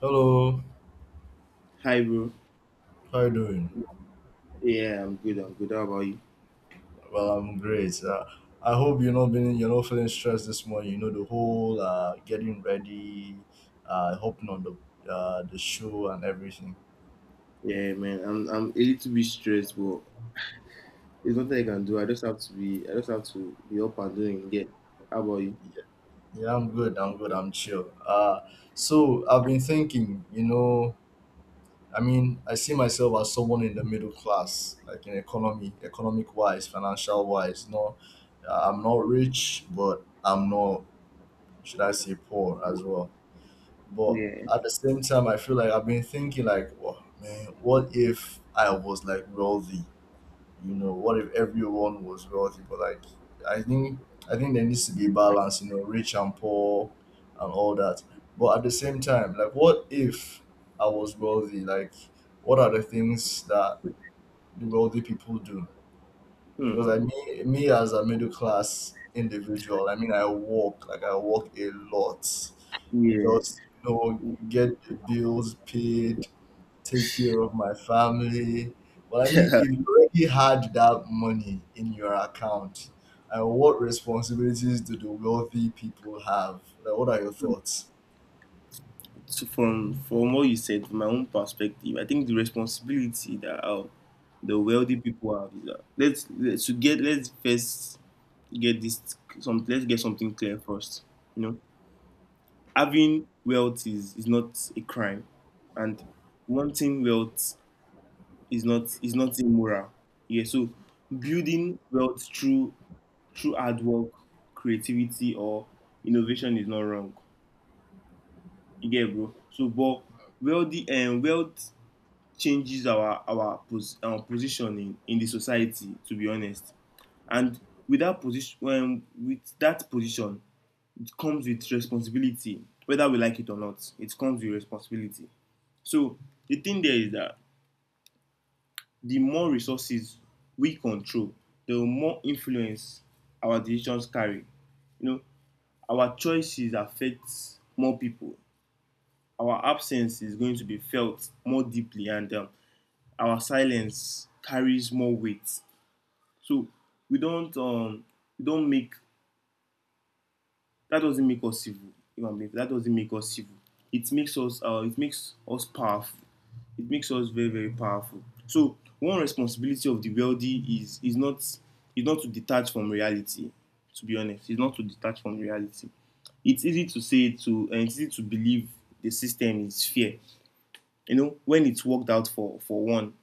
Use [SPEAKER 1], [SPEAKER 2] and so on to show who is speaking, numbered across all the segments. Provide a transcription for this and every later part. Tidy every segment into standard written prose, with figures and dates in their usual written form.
[SPEAKER 1] Hello,
[SPEAKER 2] Hi, bro.
[SPEAKER 1] how you doing?
[SPEAKER 2] Yeah, I'm good. I'm good. How about you?
[SPEAKER 1] Well, I'm great. I hope you're not being you're not feeling stressed this morning. You know the whole getting ready, hopping on the the show and everything.
[SPEAKER 2] Yeah, man. I'm a little bit stressed, but it's nothing I can do. I just have to be. I just have to be up and doing. Yeah. How about you?
[SPEAKER 1] Yeah, yeah, I'm good. I'm good. I'm chill. So I've been thinking. You know, I mean, I see myself as someone in the middle class, like in economy, economic wise, financial wise. No, I'm not rich, but I'm not should I say poor as well. But
[SPEAKER 2] Yeah.
[SPEAKER 1] at the same time, I feel like I've been thinking like, oh, man, what if I was like wealthy? You know, what if everyone was wealthy? But like, I think I think there needs to be balance. You know, rich and poor, and all that. But at the same time, like, what if I was wealthy? Like, what are the things that the wealthy people do?
[SPEAKER 2] Hmm.
[SPEAKER 1] Because like me as a middle class individual, I mean, I walk a lot,
[SPEAKER 2] Yeah.
[SPEAKER 1] just you know, get the bills paid, take care of my family. But I mean, if you already had that money in your account, and what responsibilities do the wealthy people have? Like, what are your thoughts?
[SPEAKER 2] So from what you said, from my own perspective, I think the responsibility that the wealthy people have is that let's to get let's first get this some let's get something clear first. You know, having wealth is not a crime, and wanting wealth is not immoral. Yeah, so building wealth through hard work, creativity, or innovation is not wrong. You get it, bro. So, but wealthy and wealth changes our position in the society, to be honest, and with that position, it comes with responsibility. Whether we like it or not, it comes with responsibility. So the thing there is that the more resources we control, the more influence our decisions carry. You know, our choices affect more people. Our absence is going to be felt more deeply, and our silence carries more weight. So we don't um, we don't make that doesn't make us evil. You know what? That doesn't make us evil. It makes us powerful. It makes us very, very powerful. So one responsibility of the wealthy is not to detach from reality, to be honest. It's not to detach from reality. It's easy to say to and it's easy to believe the system is fair, you know, when it's worked out for one.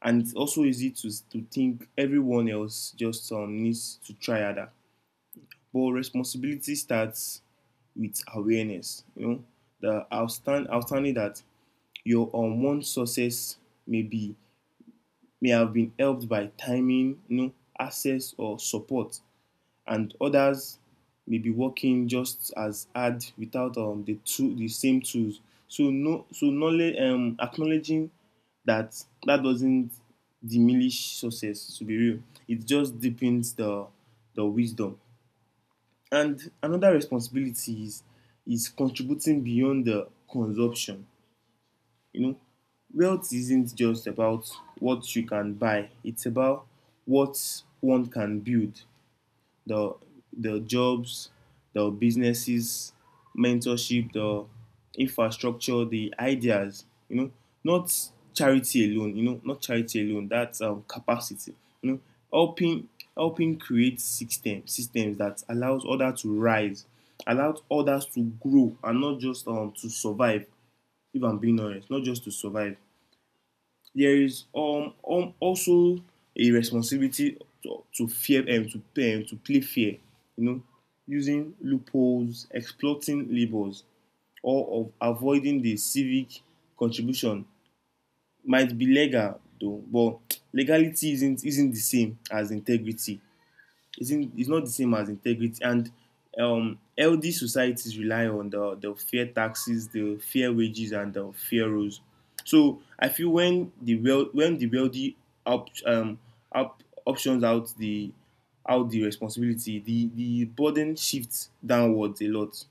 [SPEAKER 2] And it's also easy to think everyone else just needs to try harder. But responsibility starts with awareness. You know, outstanding that your unwanted success may be may have been helped by timing, you know, access or support, and others may be working just as hard without the same tools. So no, so knowledge acknowledging that doesn't diminish success. To be real, it just deepens the wisdom. And another responsibility is contributing beyond the consumption. You know, wealth isn't just about what you can buy, it's about what one can build: the the jobs, the businesses, mentorship, the infrastructure, the ideas, you know, not charity alone, you know, not charity alone. That's capacity, you know, helping helping create systems that allows others to rise, allows others to grow, and not just to survive. If I'm being honest, not just to survive. There is also a responsibility to fear and to play fair, you know, using loopholes, exploiting labors, or of avoiding the civic contribution might be legal though, but legality isn't the same as integrity. Isn't Is not the same as integrity, and healthy societies rely on the fair taxes, the fair wages, and the fair rules. So I feel when the well when the wealthy up, um, up options out the responsibility, the burden shifts downwards a lot,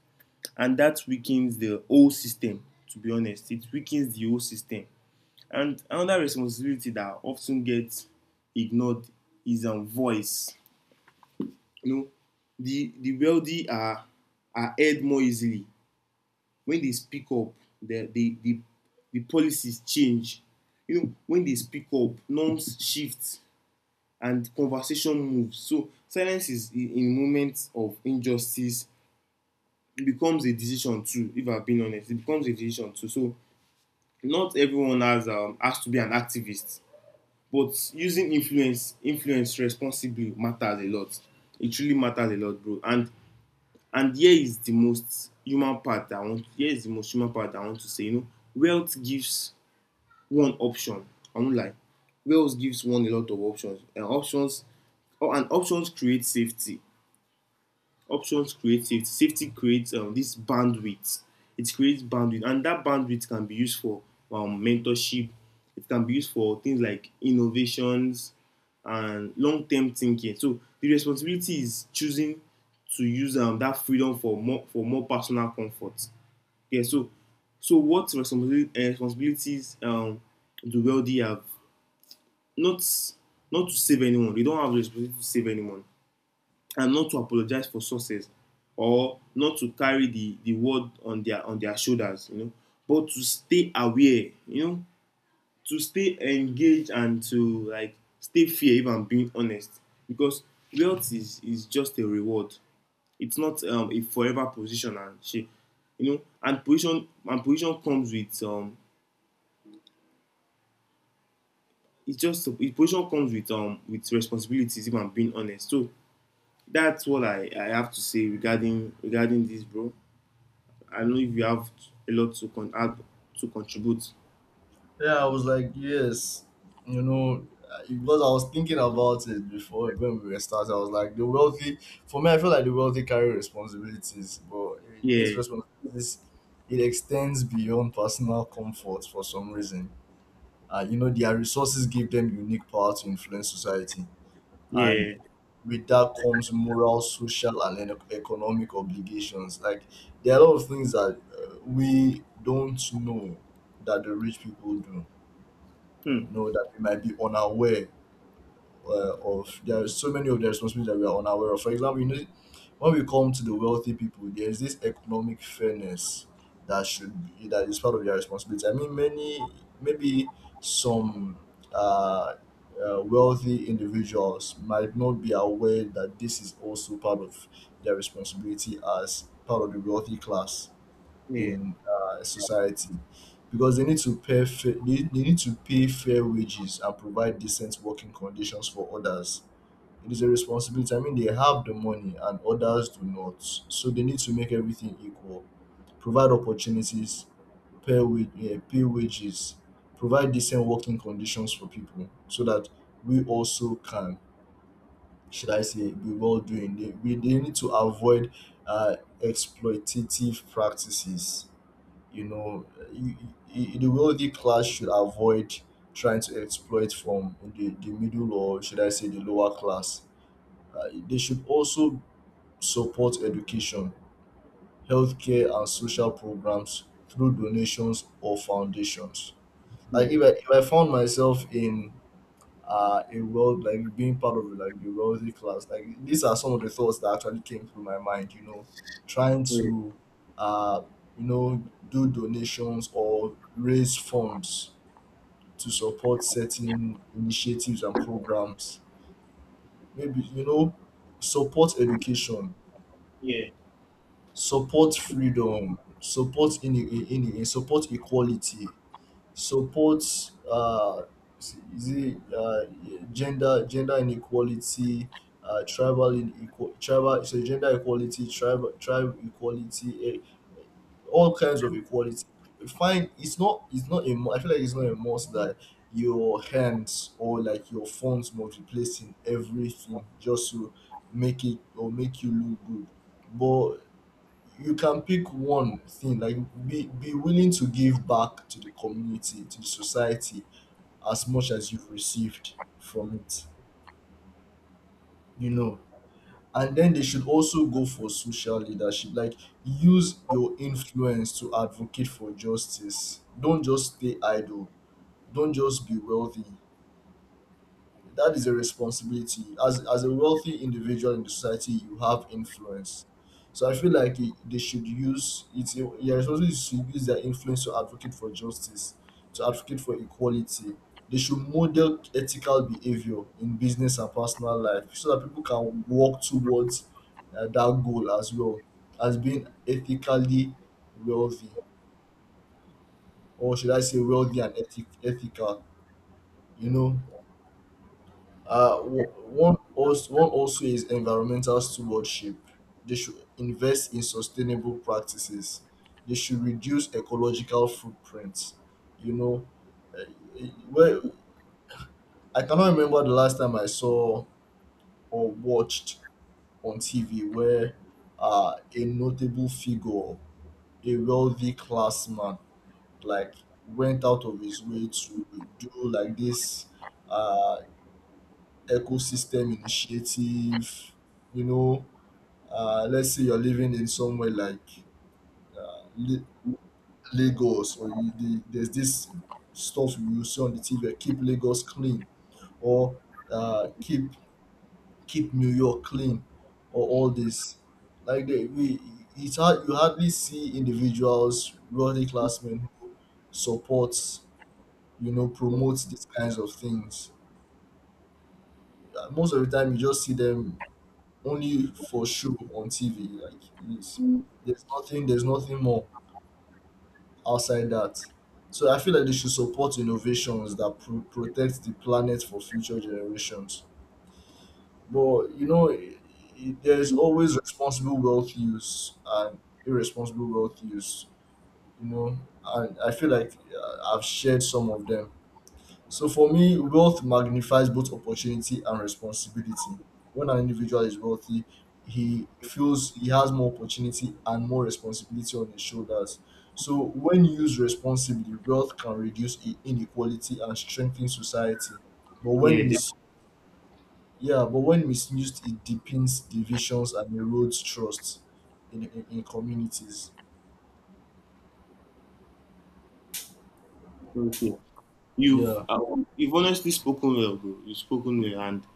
[SPEAKER 2] and that weakens the whole system. To be honest, it weakens the whole system. And another responsibility that often gets ignored is voice. You know, the wealthy are heard more easily when they speak up. The the the, the policies change. You know, when they speak up, norms shift and conversation moves. So silence is in moments of injustice, it becomes a decision too. If I've been honest, it becomes a decision too. So not everyone has to be an activist, but using influence responsibly matters a lot. It truly matters a lot, bro. And here is the most human part that I want. Here is the most human part that I want to say. You know, wealth gives one option. I won't lie. Wealth gives one a lot of options. And options, or and options create safety, options create safety. Safety creates this bandwidth. It creates bandwidth, and that bandwidth can be used for mentorship. It can be used for things like innovations and long-term thinking. So the responsibility is choosing to use that freedom for more personal comfort. Yeah. So so what responsibilities do wealthy have? Not not to save anyone. They don't have the responsibility to save anyone, and not to apologize for sources, or not to carry the word on their shoulders, you know, but to stay aware, you know, to stay engaged, and to like stay fair, if I'm being honest, because wealth is just a reward. It's not a forever position and shit, you know. And position comes with it's just it position comes with responsibilities, if I'm being honest. So that's what I have to say regarding this, bro. I don't know if you have a lot add to contribute.
[SPEAKER 1] Yeah, I was like, yes, you know, because I was thinking about it before when we were starting. I was like, the wealthy, for me, I feel like the wealthy carry responsibilities, but these
[SPEAKER 2] Yeah,
[SPEAKER 1] responsibilities, it extends beyond personal comfort for some reason. You know, their resources give them unique power to influence society, and
[SPEAKER 2] yeah,
[SPEAKER 1] with that comes moral, social, and economic obligations. Like, there are a lot of things that we don't know that the rich people do,
[SPEAKER 2] hmm,
[SPEAKER 1] you know, that we might be unaware of. There are so many of the responsibilities that we are unaware of. For example, you know, when we come to the wealthy people, there is this economic fairness that should be, that is part of their responsibility. I mean, many maybe some uh, wealthy individuals might not be aware that this is also part of their responsibility as part of the wealthy class
[SPEAKER 2] yeah,
[SPEAKER 1] in society, because they need to pay fair wages and provide decent working conditions for others. It is a responsibility. I mean, they have the money and others do not, so they need to make everything equal. Provide opportunities, pay wages, provide decent working conditions for people, so that we also can, should I say, be well doing. They need to avoid exploitative practices, you know. Y- y- the wealthy class should avoid trying to exploit from the middle or should I say the lower class. They should also support education, healthcare, and social programs through donations or foundations.
[SPEAKER 2] hmm,
[SPEAKER 1] Like if I found myself in a world like being part of like the wealthy class, like these are some of the thoughts that actually came through my mind, you know, trying
[SPEAKER 2] yeah,
[SPEAKER 1] to uh you know do donations or raise funds to support certain initiatives and programs, maybe, you know, support education,
[SPEAKER 2] yeah,
[SPEAKER 1] support freedom, support in support equality, supports s- is it, gender gender inequality, tribal inequal tribal so gender equality, tribal tribe equality, eh, all kinds of equality. Fine, it's not a mu- I feel like it's not a must that your hands or like your phones must be placed in everything just to make it or make you look good. But you can pick one thing, like be willing to give back to the community, to the society, as much as you've received from it, you know. And then they should also go for social leadership, like use your influence to advocate for justice. Don't just stay idle, don't just be wealthy. That is a responsibility. As a wealthy individual in the society, you have influence. So I feel like it, they should use it's your responsibility is to use their influence to advocate for justice, to advocate for equality. They should model ethical behavior in business and personal life so that people can work towards that goal as well, as being ethically wealthy, or should I say wealthy and ethical, you know. One also is environmental stewardship. They should invest in sustainable practices. They should reduce ecological footprints. You know, uh, well, I cannot remember the last time I saw or watched on TV where a notable figure, a wealthy classman, like went out of his way to do like this uh, ecosystem initiative, you know. Let's say you're living in somewhere like La- Lagos, or there's this stuff you see on the TV, keep Lagos clean, or uh, keep keep New York clean, or all this. Like it's hard, you hardly see individuals, worthy classmen who support, you know, promote these kinds of things. Most of the time, you just see them only for show on TV. Like it's, there's nothing more outside that. So I feel like they should support innovations that protect the planet for future generations. But you know, I there's always responsible wealth use and irresponsible wealth use. You know, and I feel like I've shared some of them. So for me, wealth magnifies both opportunity and responsibility. When an individual is wealthy, he feels he has more opportunity and more responsibility on his shoulders. So when used responsibly, wealth can reduce inequality and strengthen society. But
[SPEAKER 2] yeah.
[SPEAKER 1] when
[SPEAKER 2] def-.
[SPEAKER 1] mis, yeah, but when misused, it deepens divisions and erodes trust in, communities.
[SPEAKER 2] Okay, you've
[SPEAKER 1] Yeah.
[SPEAKER 2] uh, you've honestly spoken well, bro. You've spoken well, and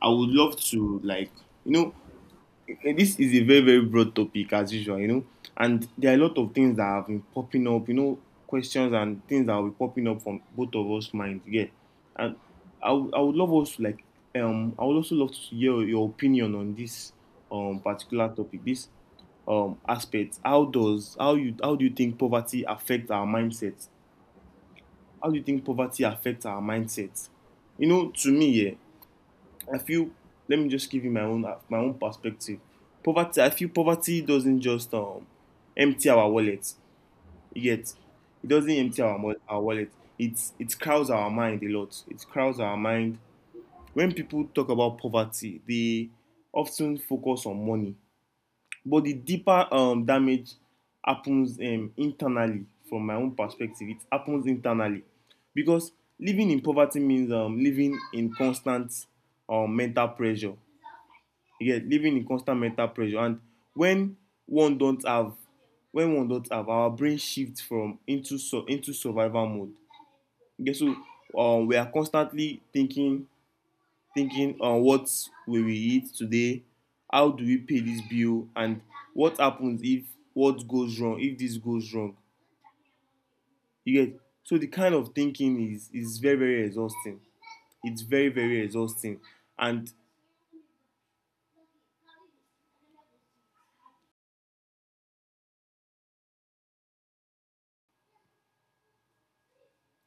[SPEAKER 2] I would love to like, you know, eh, this is a very very broad topic as usual, you know, and there are a lot of things that have been popping up, you know, questions and things that will be popping up from both of us minds, yeah. And I would love us to like I would also love to hear your opinion on this particular topic, this aspect. How do you think poverty affect our mindset? How do you think poverty affects our mindset? You know, to me, yeah, I feel, let me just give you my own perspective. Poverty, I feel poverty doesn't just empty our wallet. You get, it doesn't
[SPEAKER 1] Mm.
[SPEAKER 2] empty our wallet. It crowds our mind a lot. It crowds our mind. When people talk about poverty, they often focus on money, but the deeper damage happens internally. From my own perspective, it happens internally, because living in poverty means living in constant mental pressure. You get, living in constant mental pressure. And when one don't have when one don't have, our brain shifts from into so into survival mode. You get, so we are constantly thinking on what will we eat today, how do we pay this bill, and what happens if what goes wrong if this goes wrong. You get, so the kind of thinking is very very exhausting, it's very very exhausting. And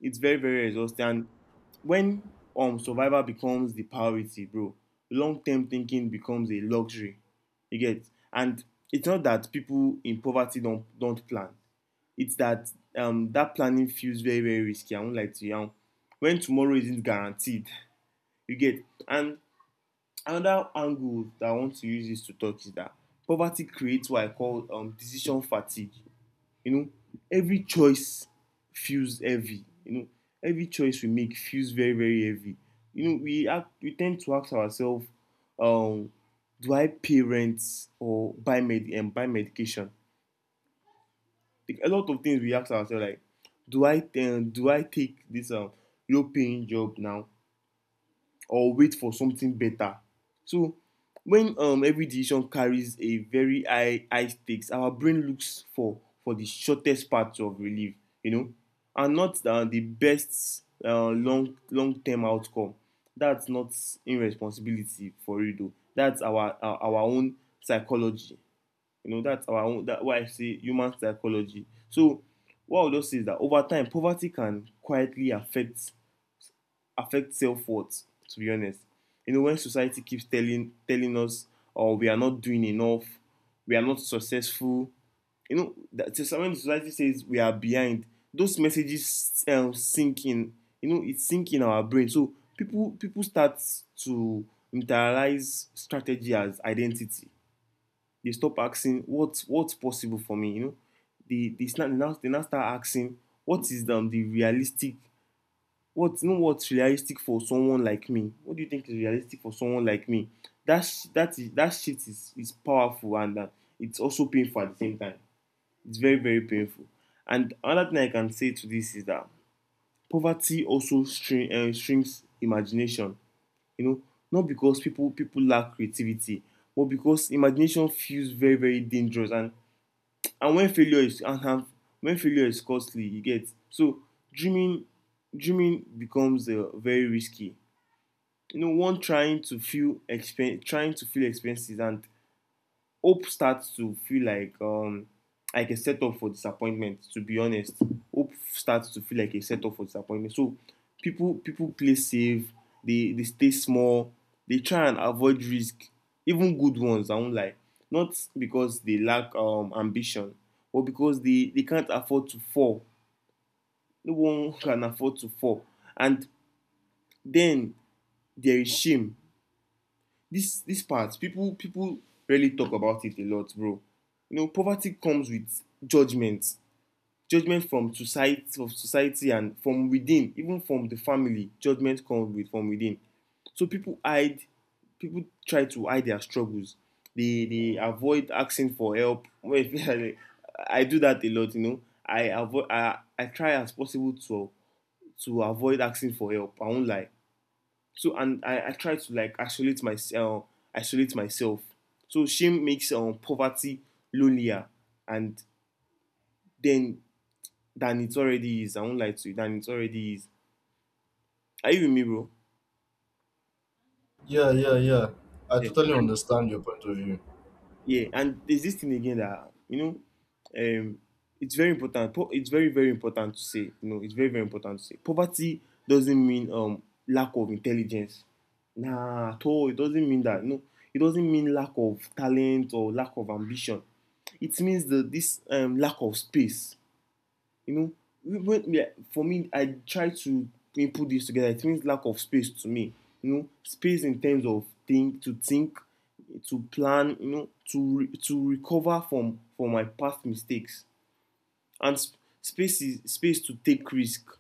[SPEAKER 2] It's very, very exhausting. And when survival becomes the priority, bro, long term thinking becomes a luxury. You get, and it's not that people in poverty don't plan. It's that that planning feels very, very risky. I won't lie to you. And when tomorrow isn't guaranteed, you get, and another angle that I want to use this to talk is that poverty creates what I call decision fatigue. You know, every choice feels heavy. You know, every choice we make feels very, very heavy. You know, we tend to ask ourselves, um, do I pay rent or buy medication? Like, a lot of things we ask ourselves, like, do I take this low paying job now, or wait for something better? So when every decision carries a very high stakes, our brain looks for the shortest path of relief, you know, and not the best long term outcome. That's not irresponsibility for you though. That's our own psychology. You know, that's our own, that why I say human psychology. So what I would just say is that over time, poverty can quietly affect self-worth, to be honest. You know, when society keeps telling us, oh, we are not doing enough, we are not successful, you know, that when society says we are behind, those messages sink in, you know, it sink in our brain. So people start to internalize strategy as identity. They stop asking what's possible for me, you know. They now start asking, what is the realistic, what, you know, what's realistic for someone like me? What do you think is realistic for someone like me? That shift is powerful, and it's also painful at the same time. It's very very painful. And another thing I can say to this is that poverty also strings imagination. You know, not because people lack creativity, but because imagination feels very very dangerous and when failure is and, have when failure is costly, you get. So dreaming dreaming becomes very risky. You know, one trying to feel expen- trying to feel expenses, and hope starts to feel like a setup for disappointment, to be honest. Hope starts to feel like a setup for disappointment. So people play safe, they stay small, they try and avoid risk, even good ones, I won't lie. Not because they lack ambition, or because they can't afford to fall. No one can afford to fall. And then there is shame. This part, people really talk about it a lot, bro. You know, poverty comes with judgment, judgment from society, of society, and from within, even from the family. Judgment comes with from within. So people hide, people try to hide their struggles, they avoid asking for help. I do that a lot, you know. I avoid, I try as possible to avoid asking for help, I won't lie. So and I try to like isolate myself, isolate myself. So shame makes poverty lonelier, and then than it already is. I won't lie to you, than it already is. Are you with me, bro?
[SPEAKER 1] Yeah, yeah, yeah, I
[SPEAKER 2] Yeah.
[SPEAKER 1] totally understand your point of view.
[SPEAKER 2] Yeah, and there's this thing again that you know, um, it's very important. It's very very important to say. You know, it's very very important to say. Poverty doesn't mean lack of intelligence. Nah, at all. It doesn't mean that. No, it doesn't mean lack of talent or lack of ambition. It means the this lack of space, you know. When yeah, for me, I try to put this together, it means lack of space to me. You know, space in terms of think to think, to plan, you know, to to recover from my past mistakes. And space is space to take risk.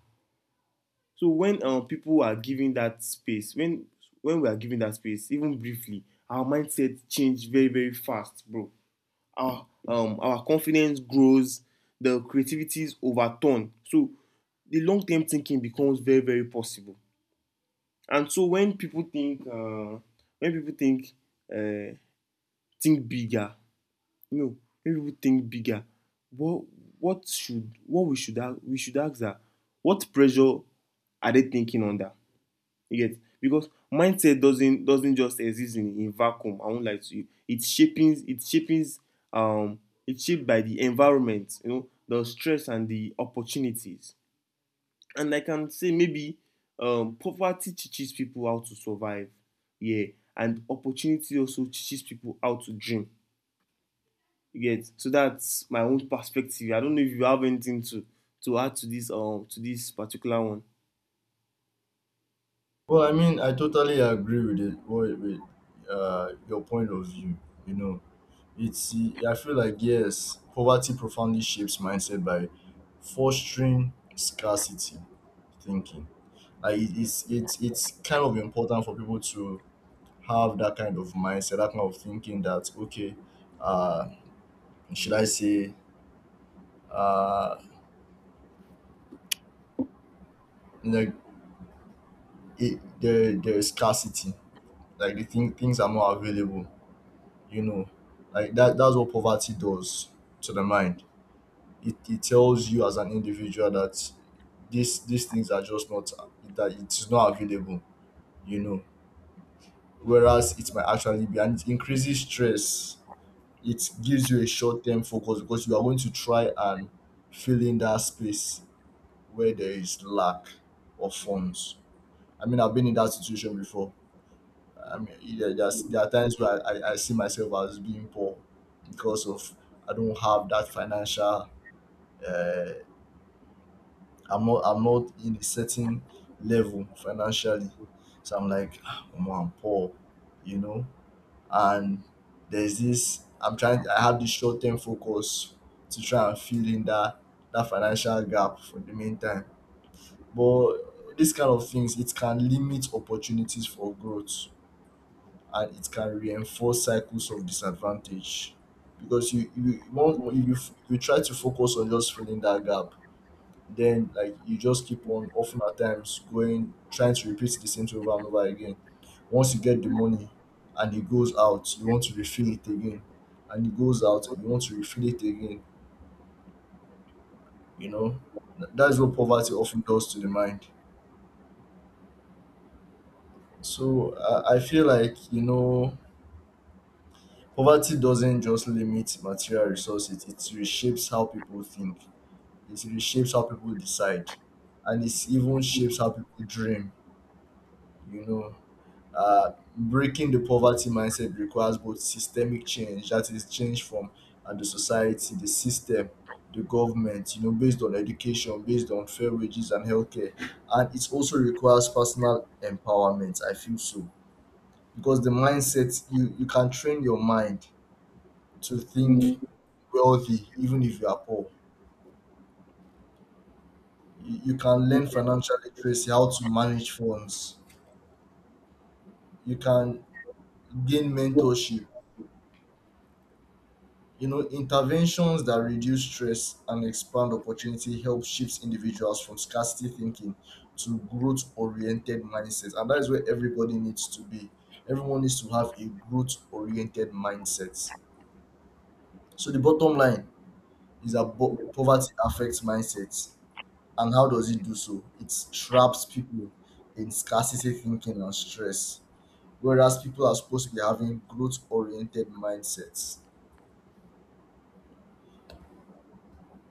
[SPEAKER 2] So when people are given that space, when we are given that space even briefly, our mindset change very very fast, bro. Our our confidence grows, the creativity is overturned. So the long term thinking becomes very very possible. And so when people think when people think uh, think bigger, you know, when people think bigger, what what we should ask, we should ask that, what pressure are they thinking under. You get, because mindset doesn't just exist in vacuum, I won't lie to you. It's shaping it's shaping um it's shaped by the environment, you know, the stress and the opportunities. And I can say maybe poverty teaches people how to survive. Yeah. And opportunity also teaches people how to dream. You get, so that's my own perspective. I don't know if you have anything to add to this particular one.
[SPEAKER 1] Well, I mean, I totally agree with it. With your point of view, you know, it's. I feel like yes, poverty profoundly shapes mindset by fostering scarcity thinking. Like it's kind of important for people to have that kind of mindset, that kind of thinking. That okay, uh, should I say, uh, like it, there is scarcity. Like things are not available, you know, like that that's what poverty does to the mind. It tells you as an individual that this these things are just not, that it's not available, you know, whereas it might actually be. And it increases stress, it gives you a short-term focus, because you are going to try and fill in that space where there is lack of funds. I mean, I've been in that situation before. I mean, there there are times where I see myself as being poor because of, I don't have that financial. Uh, I'm not in a certain level financially, so I'm like, "Ah, omo, I'm poor, you know." And there's this, I'm trying, I have this short term focus to try and fill in that financial gap for the meantime. But these kind of things, it can limit opportunities for growth and it can reinforce cycles of disadvantage, because you want, if if you try to focus on just filling that gap, then like you just keep on often at times going trying to repeat the same thing over and over again. Once you get the money and it goes out, you want to refill it again, and it goes out and you want to refill it again, you know. That's what poverty often does to the mind. So I feel like, you know, poverty doesn't just limit material resources, it reshapes how people think, it reshapes how people decide, and it even shapes how people dream, you know. Breaking the poverty mindset requires both systemic change, that is change from and the society, the system, the government, you know, based on education, based on fair wages and healthcare. And it also requires personal empowerment, I feel, so because the mindset, you can train your mind to think wealthy even if you are poor. You can learn financial literacy, how to manage funds. You can gain mentorship. You know, interventions that reduce stress and expand opportunity help shift individuals from scarcity thinking to growth oriented mindsets. And that is where everybody needs to be. Everyone needs to have a growth oriented mindset. So, the bottom line is that poverty affects mindsets. And how does it do so? It traps people in scarcity thinking and stress, whereas people are supposed to be having growth oriented mindsets.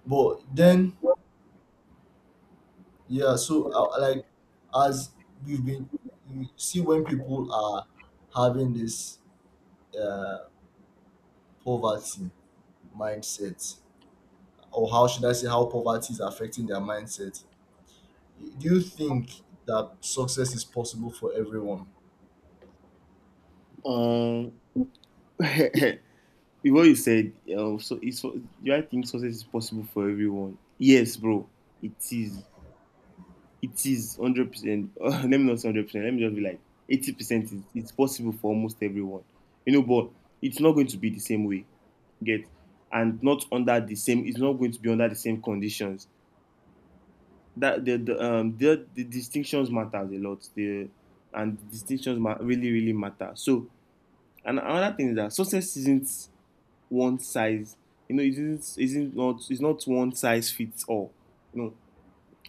[SPEAKER 1] But then, yeah, so like as we've been, you see, when people are having this uh, poverty mindset, or how should I say, how poverty is affecting their mindset, do you think that success is possible for everyone?
[SPEAKER 2] Um what so it's, do I think success is possible for everyone? Yes, bro, it is. It is 100%. Let me not say 100%. Let me just be like 80% is it's possible for almost everyone. You know, but it's not going to be the same way. You get, and not under the same. It's not going to be under the same conditions. That the distinctions matters a lot. The And the distinctions really really matter. So and another thing is that success isn't one size. You know, it isn't not it's not one size fits all. You know,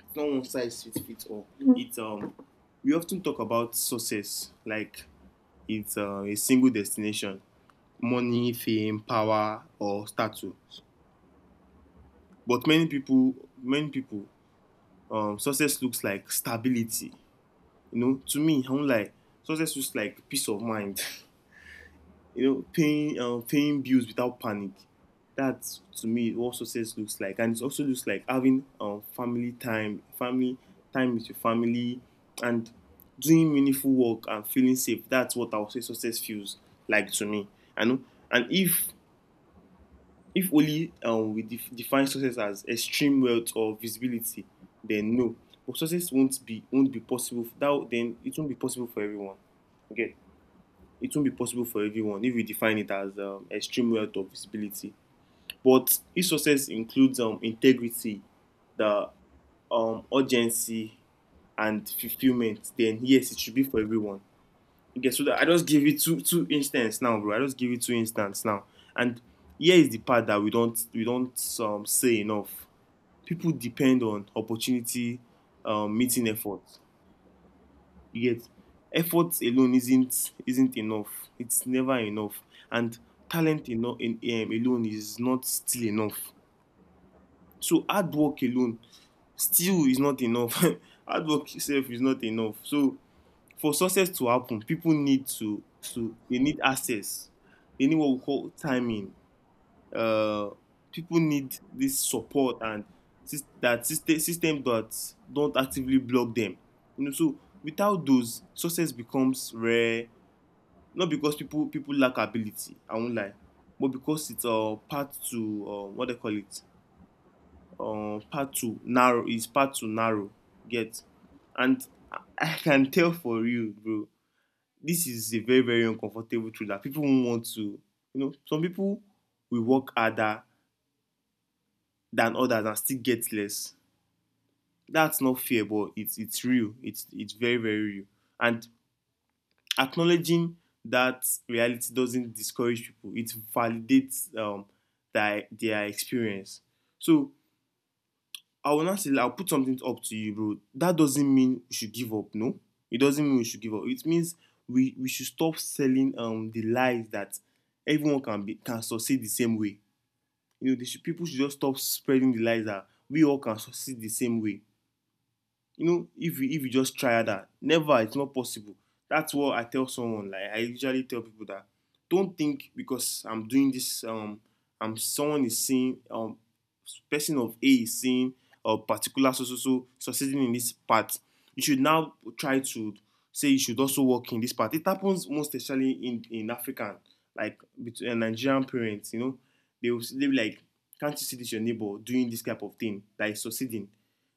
[SPEAKER 2] it's not one size fits all. It's we often talk about success like it's a single destination: money, fame, power, or status. But many people, success looks like stability. You know, to me, I'm like, success looks like peace of mind. You know, paying bills without panic. That, to me, what success looks like. And it also looks like having family time with your family, and doing meaningful work and feeling safe. That's what I would say success feels like to me. I know, and if only we define success as extreme wealth or visibility, then no, but success won't be possible. That Then it won't be possible for everyone. Okay, it won't be possible for everyone if we define it as extreme wealth or visibility. But if success includes integrity, the urgency, and fulfillment, then yes, it should be for everyone. Okay, so that, I just give you two instances now, bro. I just give you two instances now, and here is the part that we don't say enough. People depend on opportunity meeting effort. You get, effort alone isn't enough. It's never enough, and talent alone is not still enough. So hard work alone still is not enough. Hard work itself is not enough. So for success to happen, people need to they need access. They need what we call timing, uh, people need this support and that system that don't actively block them, you know. So without those, success becomes rare, not because people lack ability, I won't lie, but because it's part to what they call it, part to narrow. Get, and I can tell for you, bro, this is a very very uncomfortable truth that people won't want to, you know, some people will work harder than others and still get less. That's not fair, but it's real. It's very very real. And acknowledging that reality doesn't discourage people. It validates their experience. So I will not say like, I'll put something up to you, bro. That doesn't mean we should give up. No, it doesn't mean we should give up. It means we should stop selling the lies that everyone can succeed the same way. You know, they should, people should just stop spreading the lies that we all can succeed the same way. You know, if you just try that, never, it's not possible. That's what I tell someone, like I usually tell people that, don't think because I'm doing this I'm someone is saying, person of A is saying a particular succeeding in this part, you should now try to say you should also work in this part. It happens most especially in African, like between Nigerian parents. You know, they will, they be like, can't you see this your neighbor doing this type of thing that is succeeding?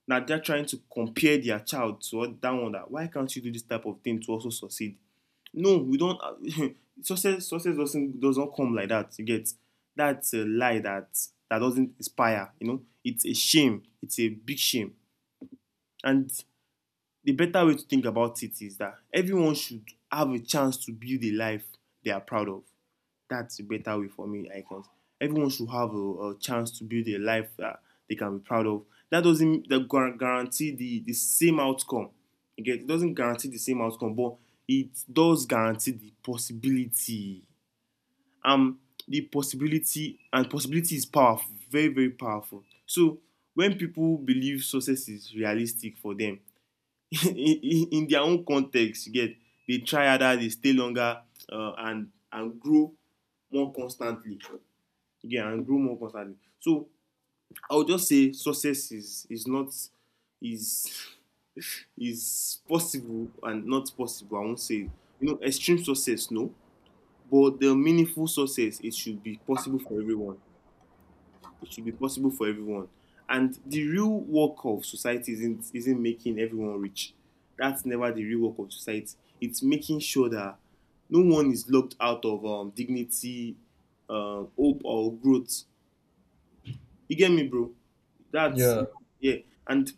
[SPEAKER 2] Now they're trying to compare their child to that one, that why can't you do this type of thing to also succeed? No, we don't. Success doesn't come like that, you get. That's a lie that that doesn't inspire. You know, it's a shame, it's a big shame. And the better way to think about it is that everyone should have a chance to build a life they are proud of. That's a better way for me, I guess. Everyone should have a chance to build a life that they can be proud of. That doesn't guarantee the same outcome. You It doesn't guarantee the same outcome, but it does guarantee the possibility. Um, the possibility, and possibility is powerful, very, very powerful. So when people believe success is realistic for them, in their own context, you get, they try harder, they stay longer, and grow more constantly. You get, and grow more constantly. So I would just say success is is possible and not possible. I won't say, you know, extreme success, no, but the meaningful success, it should be possible for everyone. It should be possible for everyone. And the real work of society isn't making everyone rich. That's never the real work of society. It's making sure that no one is locked out of dignity, hope, or growth. You get me, bro? That's
[SPEAKER 1] Yeah.
[SPEAKER 2] yeah. And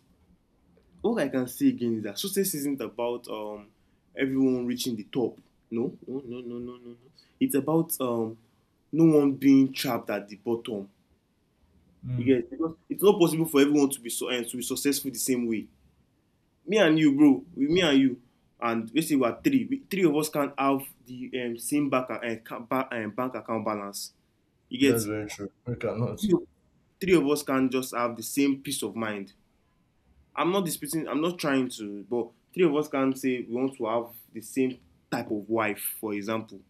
[SPEAKER 2] all I can say again is that success isn't about everyone reaching the top. No, no, no, no, no. It's about no one being trapped at the bottom. You
[SPEAKER 1] Mm.
[SPEAKER 2] get, because it's not possible for everyone to be to be successful the same way. Me and you, bro, me and you, and let's say we are three. We, three of us can't have the same bank account balance. You
[SPEAKER 1] That's
[SPEAKER 2] get,
[SPEAKER 1] very true. We cannot.
[SPEAKER 2] three of three of us can't just have the same peace of mind. I'm not disputing. I'm not trying to, but three of us can't say we want to have the same type of wife, for example.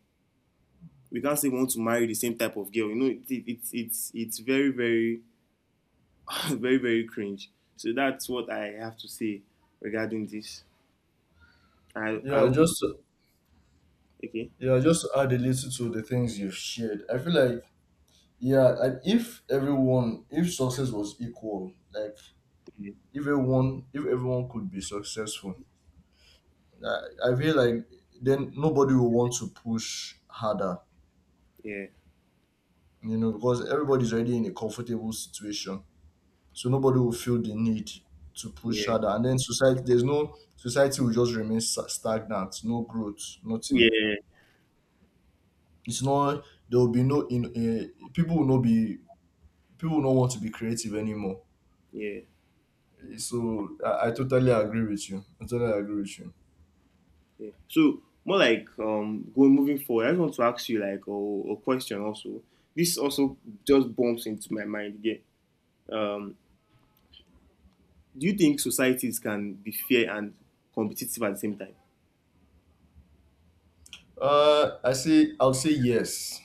[SPEAKER 2] We can't say we want to marry the same type of girl. You know, it, it's very very very very cringe. So that's what I have to say regarding this. I
[SPEAKER 1] Yeah,
[SPEAKER 2] hope
[SPEAKER 1] just to-
[SPEAKER 2] Okay.
[SPEAKER 1] yeah, just to add a little to the things you've shared. I feel like, yeah, like if everyone, if success was equal, like
[SPEAKER 2] yeah
[SPEAKER 1] if everyone could be successful, I feel like then nobody will want to push harder,
[SPEAKER 2] yeah
[SPEAKER 1] you know, because everybody's already in a comfortable situation, so nobody will feel the need to push
[SPEAKER 2] yeah
[SPEAKER 1] harder, and then society, there's no society will just remain stagnant, no growth, nothing.
[SPEAKER 2] yeah
[SPEAKER 1] It's not There will be no in people will not be people don't want to be creative anymore.
[SPEAKER 2] yeah,
[SPEAKER 1] So I totally agree with you. I totally agree with you.
[SPEAKER 2] yeah. So more like going moving forward, I just want to ask you like a question also. This also just bumps into my mind again. um do you think societies can be fair and competitive at the same time?
[SPEAKER 1] I'll say yes.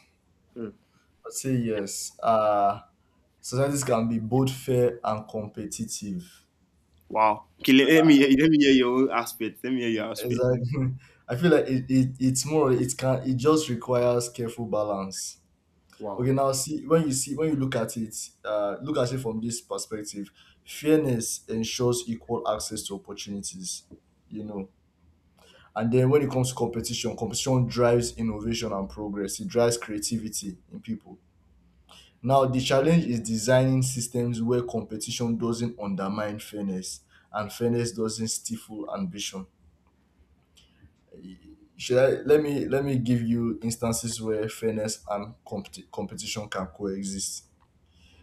[SPEAKER 2] Hmm.
[SPEAKER 1] I'll say yes. Societies can be both fair and competitive.
[SPEAKER 2] Wow, okay. Let me hear your own aspect. Let me hear your aspect.
[SPEAKER 1] Exactly. I feel like it's more it can it just requires careful balance.
[SPEAKER 2] Wow.
[SPEAKER 1] Okay, now see when you look at it from this perspective. Fairness ensures equal access to opportunities. You know, and then when it comes to competition, competition drives innovation and progress. It drives creativity in people. Now, the challenge is designing systems where competition doesn't undermine fairness and fairness doesn't stifle ambition. Let me give you instances where fairness and competition can coexist.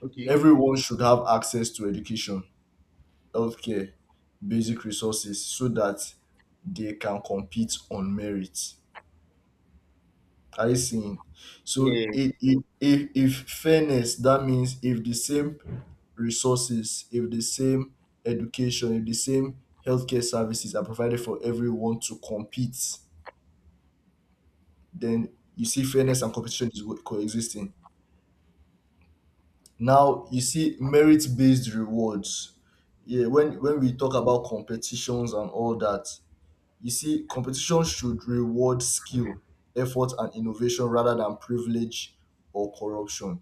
[SPEAKER 2] Okay.
[SPEAKER 1] Everyone should have access to education, healthcare, basic resources so that they can compete on merit. Are you seeing? So
[SPEAKER 2] Yeah.
[SPEAKER 1] if fairness, that means if the same resources, if the same education, if the same healthcare services are provided for everyone to compete, then you see fairness and competition is coexisting. Now you see merit based rewards. Yeah, when we talk about competitions and all that, you see competition should reward skill, effort, and innovation rather than privilege or corruption.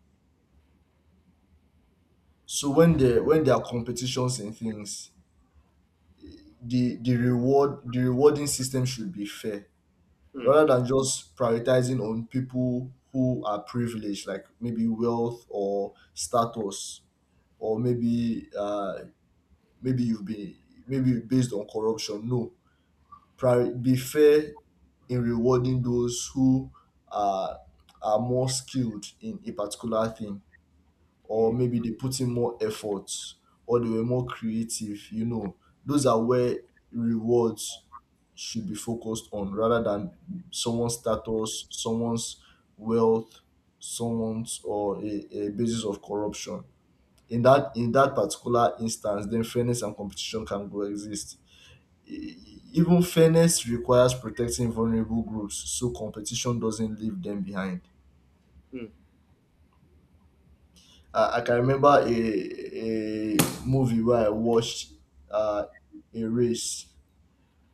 [SPEAKER 1] So when there are competitions and things, the reward the rewarding system should be fair
[SPEAKER 2] Hmm.
[SPEAKER 1] rather than just prioritizing on people who are privileged, like maybe wealth or status, or maybe maybe you've been maybe based on corruption. No, be fair in rewarding those who are are more skilled in a particular thing or
[SPEAKER 2] Yeah.
[SPEAKER 1] maybe they put in more effort or they were more creative, you know, those are where rewards should be focused on rather than someone's status, someone's wealth, someone's or a basis of corruption. In that particular instance, then fairness and competition can coexist. Even fairness requires protecting vulnerable groups so competition doesn't leave them behind.
[SPEAKER 2] Hmm.
[SPEAKER 1] I can remember a movie where I watched uh, a race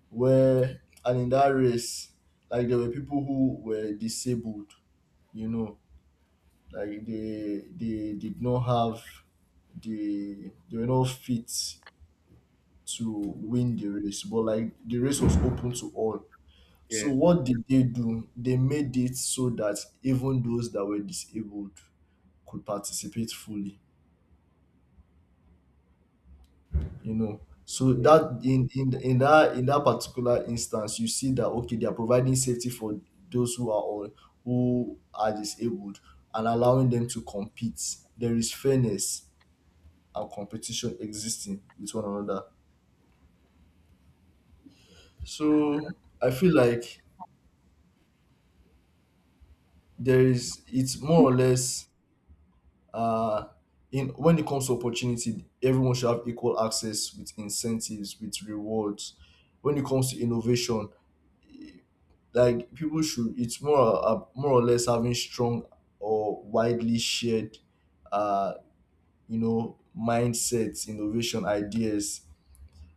[SPEAKER 1] where and in that race, like there were people who were disabled, you know, like they did not have the they were not fit to win the race, but like the race was open to all. So
[SPEAKER 2] Yeah.
[SPEAKER 1] what did they do? They made it so that even those that were disabled could participate fully. You know, so
[SPEAKER 2] Yeah.
[SPEAKER 1] that in that in that particular instance you see that, okay, they are providing safety for those who are on who are disabled and allowing them to compete. There is fairness and competition existing with one another. So I feel like there is, it's more or less, uh in when it comes to opportunity, everyone should have equal access with incentives, with rewards. When it comes to innovation, like people should, it's more more or less having strong or widely shared uh you know, mindsets, innovation ideas.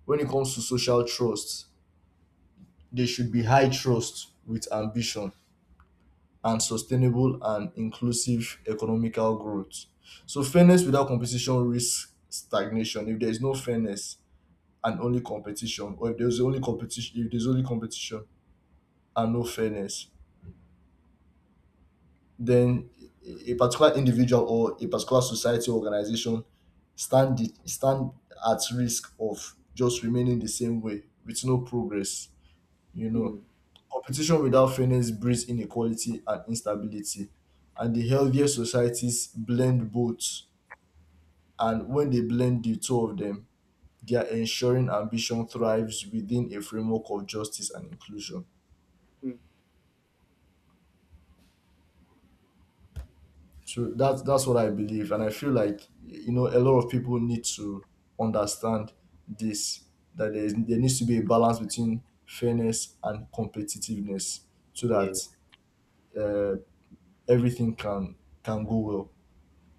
[SPEAKER 1] When it comes to social trust, there should be high trust with ambition and sustainable and inclusive economical growth. So fairness without competition risks stagnation. If there is no fairness and only competition, or if there's only competition and no fairness, then a particular individual or a particular society or organization stand at risk of just remaining the same way with no progress, you know.
[SPEAKER 2] Mm.
[SPEAKER 1] Competition without fairness breeds inequality and instability, and the healthier societies blend both, and when they blend the two of them, they are ensuring ambition thrives within a framework of justice and inclusion.
[SPEAKER 2] Mm.
[SPEAKER 1] So that's what I believe, and I feel like, you know, a lot of people need to understand this, that there needs to be a balance between fairness and competitiveness, so
[SPEAKER 2] Yeah.
[SPEAKER 1] that uh, everything can go well.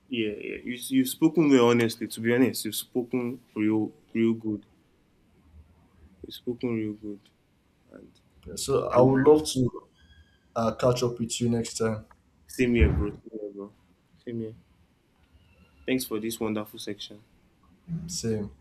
[SPEAKER 2] Yeah, yeah. You've spoken well, honestly. To be honest, you've spoken real, real good. You've spoken real good. And,
[SPEAKER 1] So I would
[SPEAKER 2] and
[SPEAKER 1] love to catch up with you next time.
[SPEAKER 2] same here, bro. Same here, bro. Same here. Thanks for this wonderful section.
[SPEAKER 1] Same.